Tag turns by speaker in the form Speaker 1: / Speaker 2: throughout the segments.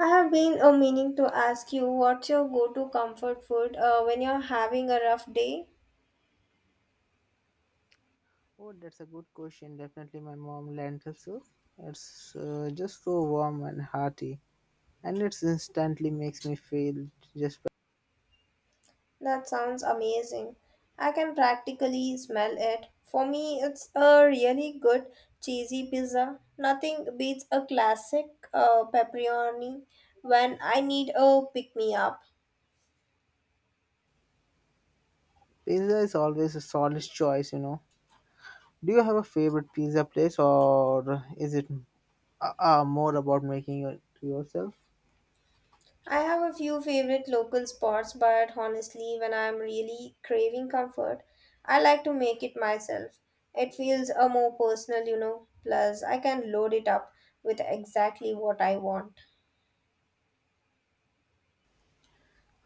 Speaker 1: I have been meaning to ask you what's your go to comfort food when you're having a rough day?
Speaker 2: Oh, that's a good question. Definitely my mom lentil soup. It's just so warm and hearty, and it instantly makes me feel just better.
Speaker 1: That sounds amazing. I can practically smell it. For me, it's a really good cheesy pizza. Nothing beats a classic pepperoni when I need a pick me up.
Speaker 2: Pizza is always a solid choice, you know. Do you have a favorite pizza place, or is it more about making it yourself?
Speaker 1: I have a few favorite local spots, but honestly, when I'm really craving comfort, I like to make it myself. It feels a more personal, you know. Plus, I can load it up with exactly what I want.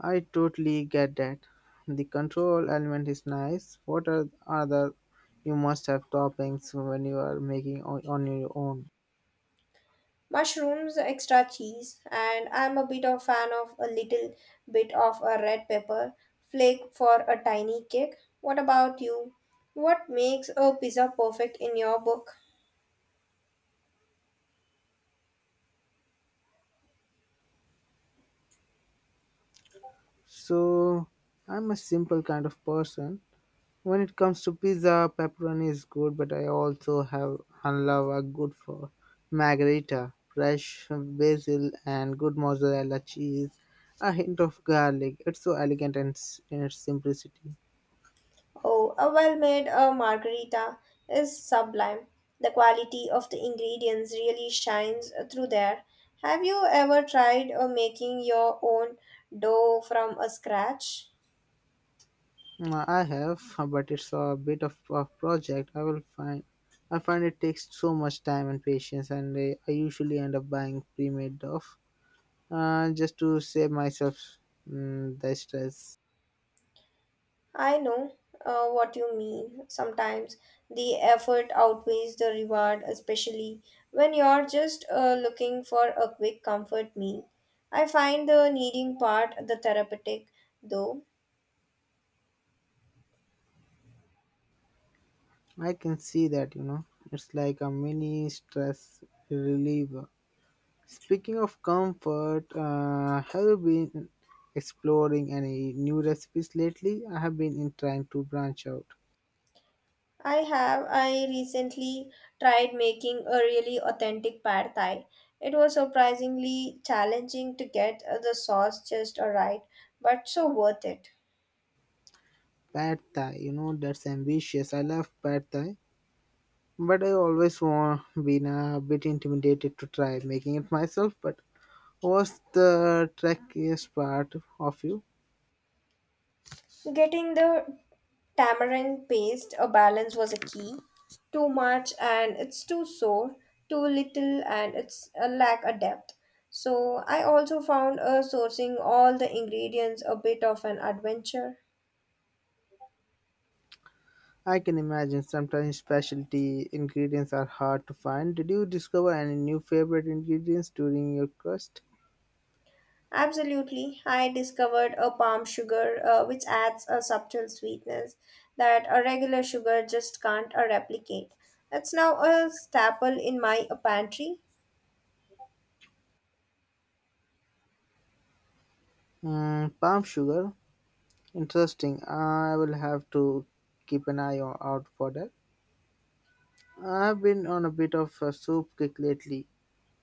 Speaker 2: I totally get that. The control element is nice. What are other you must have toppings when you are making on your own?
Speaker 1: Mushrooms, extra cheese, and I'm a bit of fan of a little bit of a red pepper flake for a tiny kick. What about you? What makes a pizza perfect in your book?
Speaker 2: So, I'm a simple kind of person when it comes to pizza. Pepperoni is good, but I also have and love a good for margherita, fresh basil and good mozzarella cheese, a hint of garlic. It's so elegant and in its simplicity.
Speaker 1: Oh, a well made margarita is sublime. The quality of the ingredients really shines through there. Have you ever tried making your own dough from a scratch?
Speaker 2: Mm, I have, but it's a bit of a project. I will find. I find it takes so much time and patience, and I usually end up buying pre-made stuff just to save myself the stress.
Speaker 1: I know what you mean. Sometimes the effort outweighs the reward, especially when you're just looking for a quick comfort meal. I find the kneading part the therapeutic, though.
Speaker 2: I can see that, you know. It's like a mini stress reliever. Speaking of comfort, have you been exploring any new recipes lately? I have been in trying to branch out.
Speaker 1: I have. I recently tried making a really authentic pad thai. It was surprisingly challenging to get the sauce just right, but so worth it.
Speaker 2: Pad Thai, you know, that's ambitious. I love Pad Thai, but I always want been a bit intimidated to try making it myself. But what's the trickiest part of you?
Speaker 1: Getting the tamarind paste a balance was a key. Too much and it's too sour, too little and it's a lack of depth. So I also found sourcing all the ingredients a bit of an adventure.
Speaker 2: I can imagine sometimes specialty ingredients are hard to find. Did you discover any new favorite ingredients during your quest?
Speaker 1: Absolutely. I discovered a palm sugar which adds a subtle sweetness that a regular sugar just can't replicate. That's now a staple in my pantry.
Speaker 2: Mm, palm sugar. Interesting. I will have to keep an eye out for that. I've been on a bit of a soup kick lately.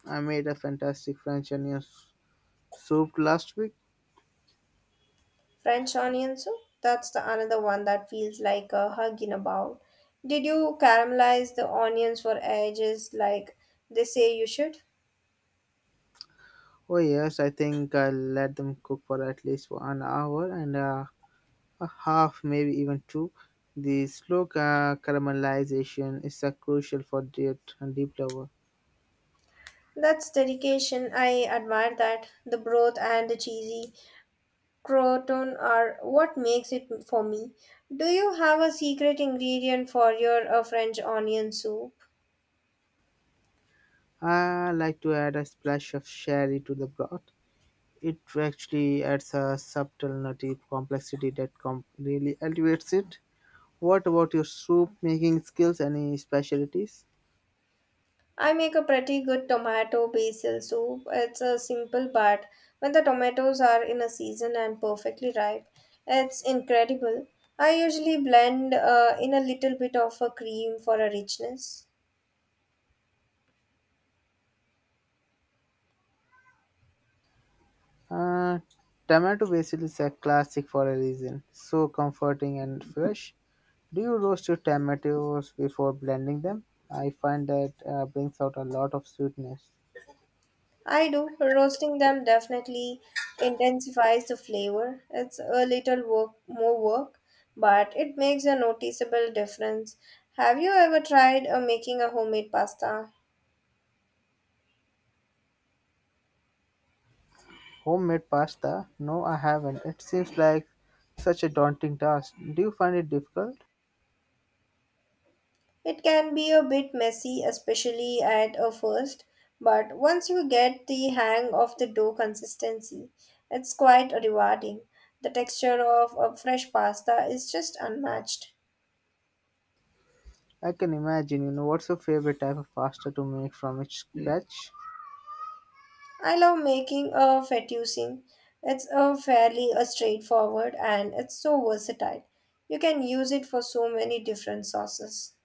Speaker 2: I made a fantastic French onion soup last week.
Speaker 1: French onion soup, that's the another one that feels like a hug in a bowl. Did you caramelize the onions for ages like they say you should?
Speaker 2: Oh yes, I think I'll let them cook for at least for an hour and a half, maybe even two. The slow caramelization is a crucial for deep, deep flavor.
Speaker 1: That's dedication. I admire that. The broth and the cheesy Croton are what makes it for me. Do you have a secret ingredient for your French onion soup?
Speaker 2: I like to add a splash of sherry to the broth. It actually adds a subtle nutty complexity that really elevates it. What about your soup making skills? Any specialties?
Speaker 1: I make a pretty good tomato basil soup. It's a simple but when the tomatoes are in a season and perfectly ripe, it's incredible. I usually blend in a little bit of a cream for a richness.
Speaker 2: Uh, Tomato basil is a classic for a reason. So comforting and fresh. Do you roast your tomatoes before blending them? I find that brings out a lot of sweetness.
Speaker 1: I do. Roasting them definitely intensifies the flavor. It's a little work, more work, but it makes a noticeable difference. Have you ever tried making a homemade pasta?
Speaker 2: Homemade pasta? No, I haven't. It seems like such a daunting task. Do you find it difficult?
Speaker 1: It can be a bit messy, especially at a first, but once you get the hang of the dough consistency, it's quite rewarding. The texture of a fresh pasta is just unmatched.
Speaker 2: I can imagine, you know, what's your favorite type of pasta to make from each scratch?
Speaker 1: I love making a fettuccine. It's a fairly a straightforward and it's so versatile. You can use it for so many different sauces.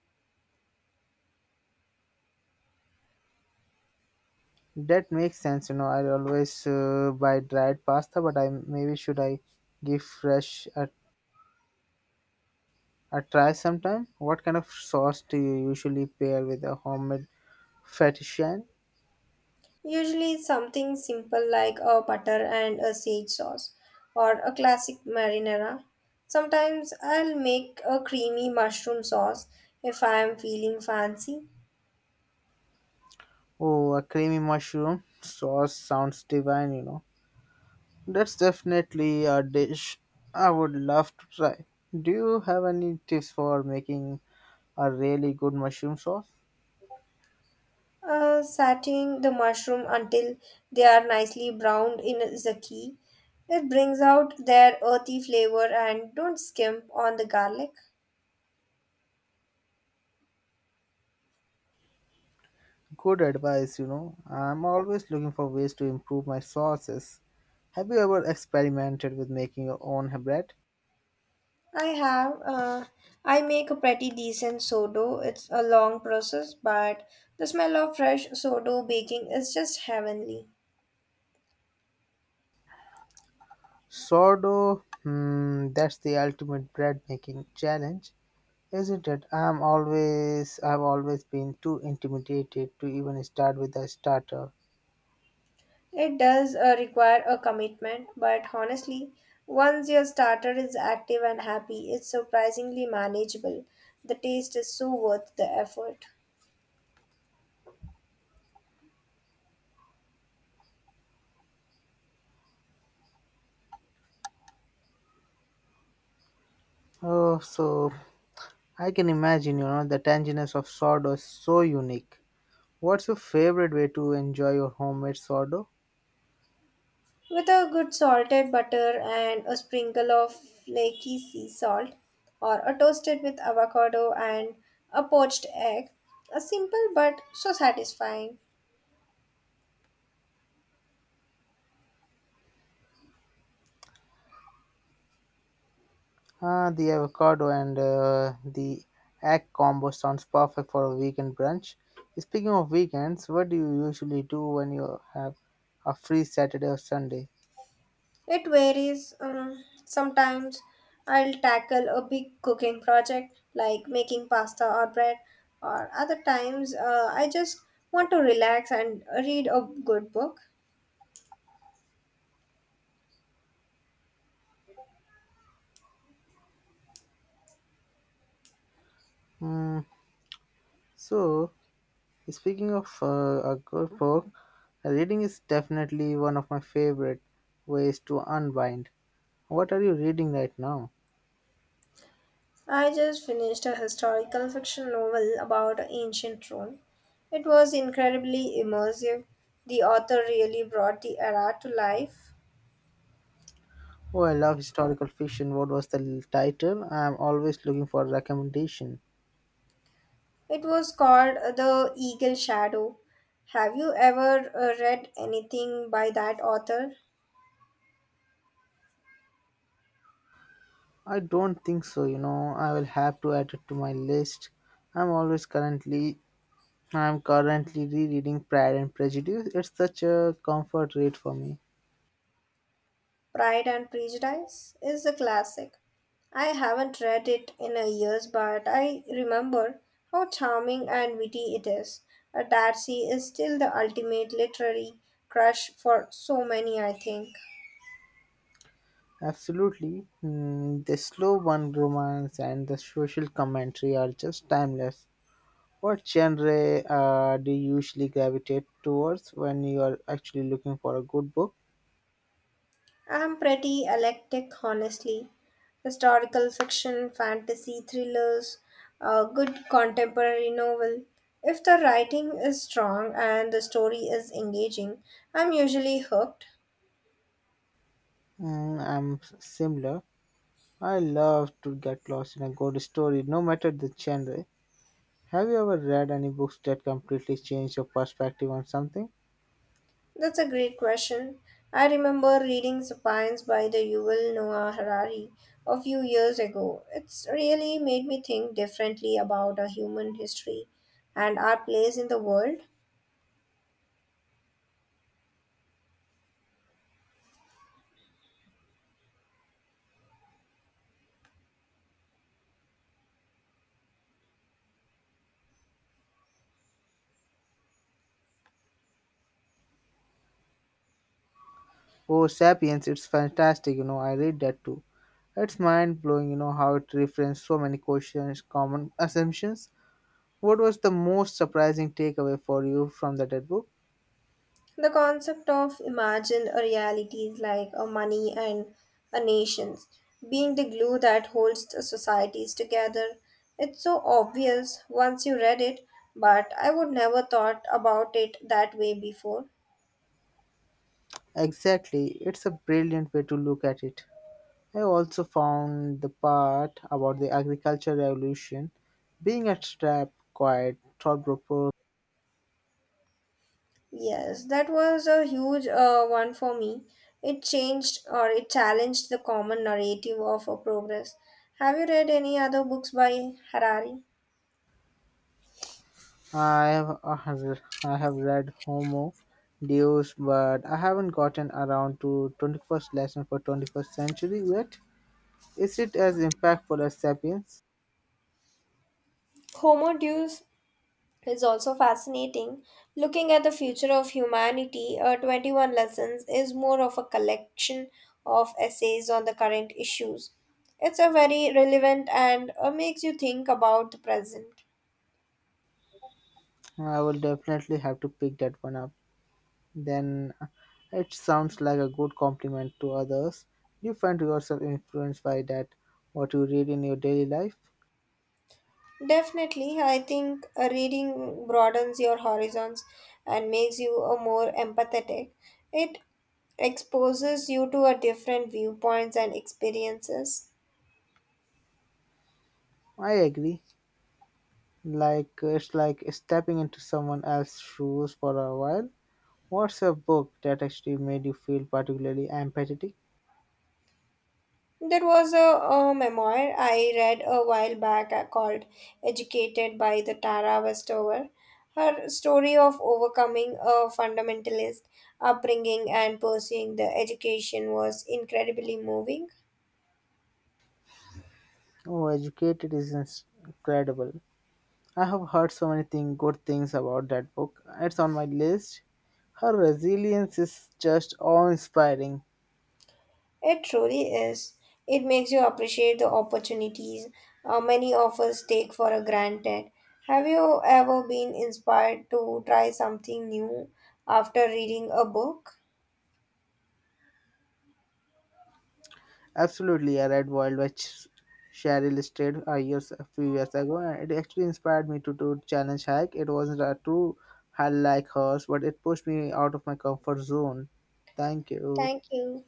Speaker 2: That makes sense, you know. I always buy dried pasta, but I maybe should I give fresh a try sometime? What kind of sauce do you usually pair with a homemade fettuccine?
Speaker 1: Usually something simple like a butter and a sage sauce or a classic marinara. Sometimes I'll make a creamy mushroom sauce if I am feeling fancy.
Speaker 2: Oh, a creamy mushroom sauce sounds divine, you know. That's definitely a dish I would love to try. Do you have any tips for making a really good mushroom sauce?
Speaker 1: Satting the mushroom until they are nicely browned in the key. It brings out their earthy flavor and don't skimp on the garlic.
Speaker 2: Good advice, you know. I'm always looking for ways to improve my sauces. Have you ever experimented with making your own bread?
Speaker 1: I have, I make a pretty decent sourdough. It's a long process, but the smell of fresh sourdough baking is just heavenly.
Speaker 2: Sourdough, hmm, that's the ultimate bread making challenge. Isn't it? I've always been too intimidated to even start with a starter.
Speaker 1: It does require a commitment, but honestly, once your starter is active and happy, it's surprisingly manageable. The taste is so worth the effort.
Speaker 2: Oh, so I can imagine, you know, the tanginess of sourdough is so unique. What's your favorite way to enjoy your homemade sourdough?
Speaker 1: With a good salted butter and a sprinkle of flaky sea salt, or a toasted with avocado and a poached egg, a simple but so satisfying.
Speaker 2: Ah, the avocado and the egg combo sounds perfect for a weekend brunch. Speaking of weekends, what do you usually do when you have a free Saturday or Sunday?
Speaker 1: It varies. Sometimes I'll tackle a big cooking project like making pasta or bread, or other times I just want to relax and read a good book.
Speaker 2: Hmm. So, speaking of a good book, reading is definitely one of my favorite ways to unwind. What are you reading right now?
Speaker 1: I just finished a historical fiction novel about ancient Rome. It was incredibly immersive. The author really brought the era to life.
Speaker 2: Oh, I love historical fiction. What was the title? I'm always looking for recommendation.
Speaker 1: It was called The Eagle Shadow. Have you ever read anything by that author?
Speaker 2: I don't think so, you know. I will have to add it to my list. I'm always currently I'm currently rereading Pride and Prejudice. It's such a comfort read for me.
Speaker 1: Pride and Prejudice is a classic. I haven't read it in a years, but I remember how charming and witty it is. Darcy is still the ultimate literary crush for so many, I think.
Speaker 2: Absolutely. Mm, the slow one romance and the social commentary are just timeless. What genre do you usually gravitate towards when you are actually looking for a good book?
Speaker 1: I'm pretty eclectic, honestly. Historical fiction, fantasy, thrillers, a good contemporary novel. If the writing is strong and the story is engaging, I'm usually hooked.
Speaker 2: Mm, I'm similar. I love to get lost in a good story, no matter the genre. Have you ever read any books that completely changed your perspective on something?
Speaker 1: That's a great question. I remember reading Sapiens by the Yuval Noah Harari a few years ago. It's really made me think differently about our human history and our place in the world.
Speaker 2: Oh, Sapiens, it's fantastic. You know, I read that too. It's mind blowing, you know, how it references so many questions, common assumptions. What was the most surprising takeaway for you from the dead book?
Speaker 1: The concept of imagined realities like a money and a nations being the glue that holds the societies together. It's so obvious once you read it, but I would never thought about it that way before.
Speaker 2: Exactly, it's a brilliant way to look at it. I also found the part about the agricultural revolution being a trap quite thought-provoking.
Speaker 1: Yes, that was a huge one for me. It changed or it challenged the common narrative of a progress. Have you read any other books by Harari?
Speaker 2: I have read Homo Deus, but I haven't gotten around to 21st lesson for 21st century yet. Is it as impactful as Sapiens?
Speaker 1: Homo Deus is also fascinating. Looking at the future of humanity, 21 Lessons is more of a collection of essays on the current issues. It's a very relevant and makes you think about the present.
Speaker 2: I will definitely have to pick that one up. Then it sounds like a good compliment to others. Do you find yourself influenced by that, what you read in your daily life.
Speaker 1: Definitely, I think reading broadens your horizons and makes you a more empathetic. It exposes you to a different viewpoints and experiences.
Speaker 2: I agree. Like it's like stepping into someone else's shoes for a while. What's a book that actually made you feel particularly empathetic?
Speaker 1: There was a memoir I read a while back called Educated by the Tara Westover. Her story of overcoming a fundamentalist upbringing and pursuing the education was incredibly moving.
Speaker 2: Oh, Educated is incredible. I have heard so many good things about that book. It's on my list. Her resilience is just awe inspiring.
Speaker 1: It truly is. It makes you appreciate the opportunities many of us take for a granted. Have you ever been inspired to try something new after reading a book?
Speaker 2: Absolutely, I read Wild by Cheryl Strayed a few years ago, and it actually inspired me to challenge hike. It wasn't a true hike like hers, but it pushed me out of my comfort zone. Thank you.
Speaker 1: Thank you.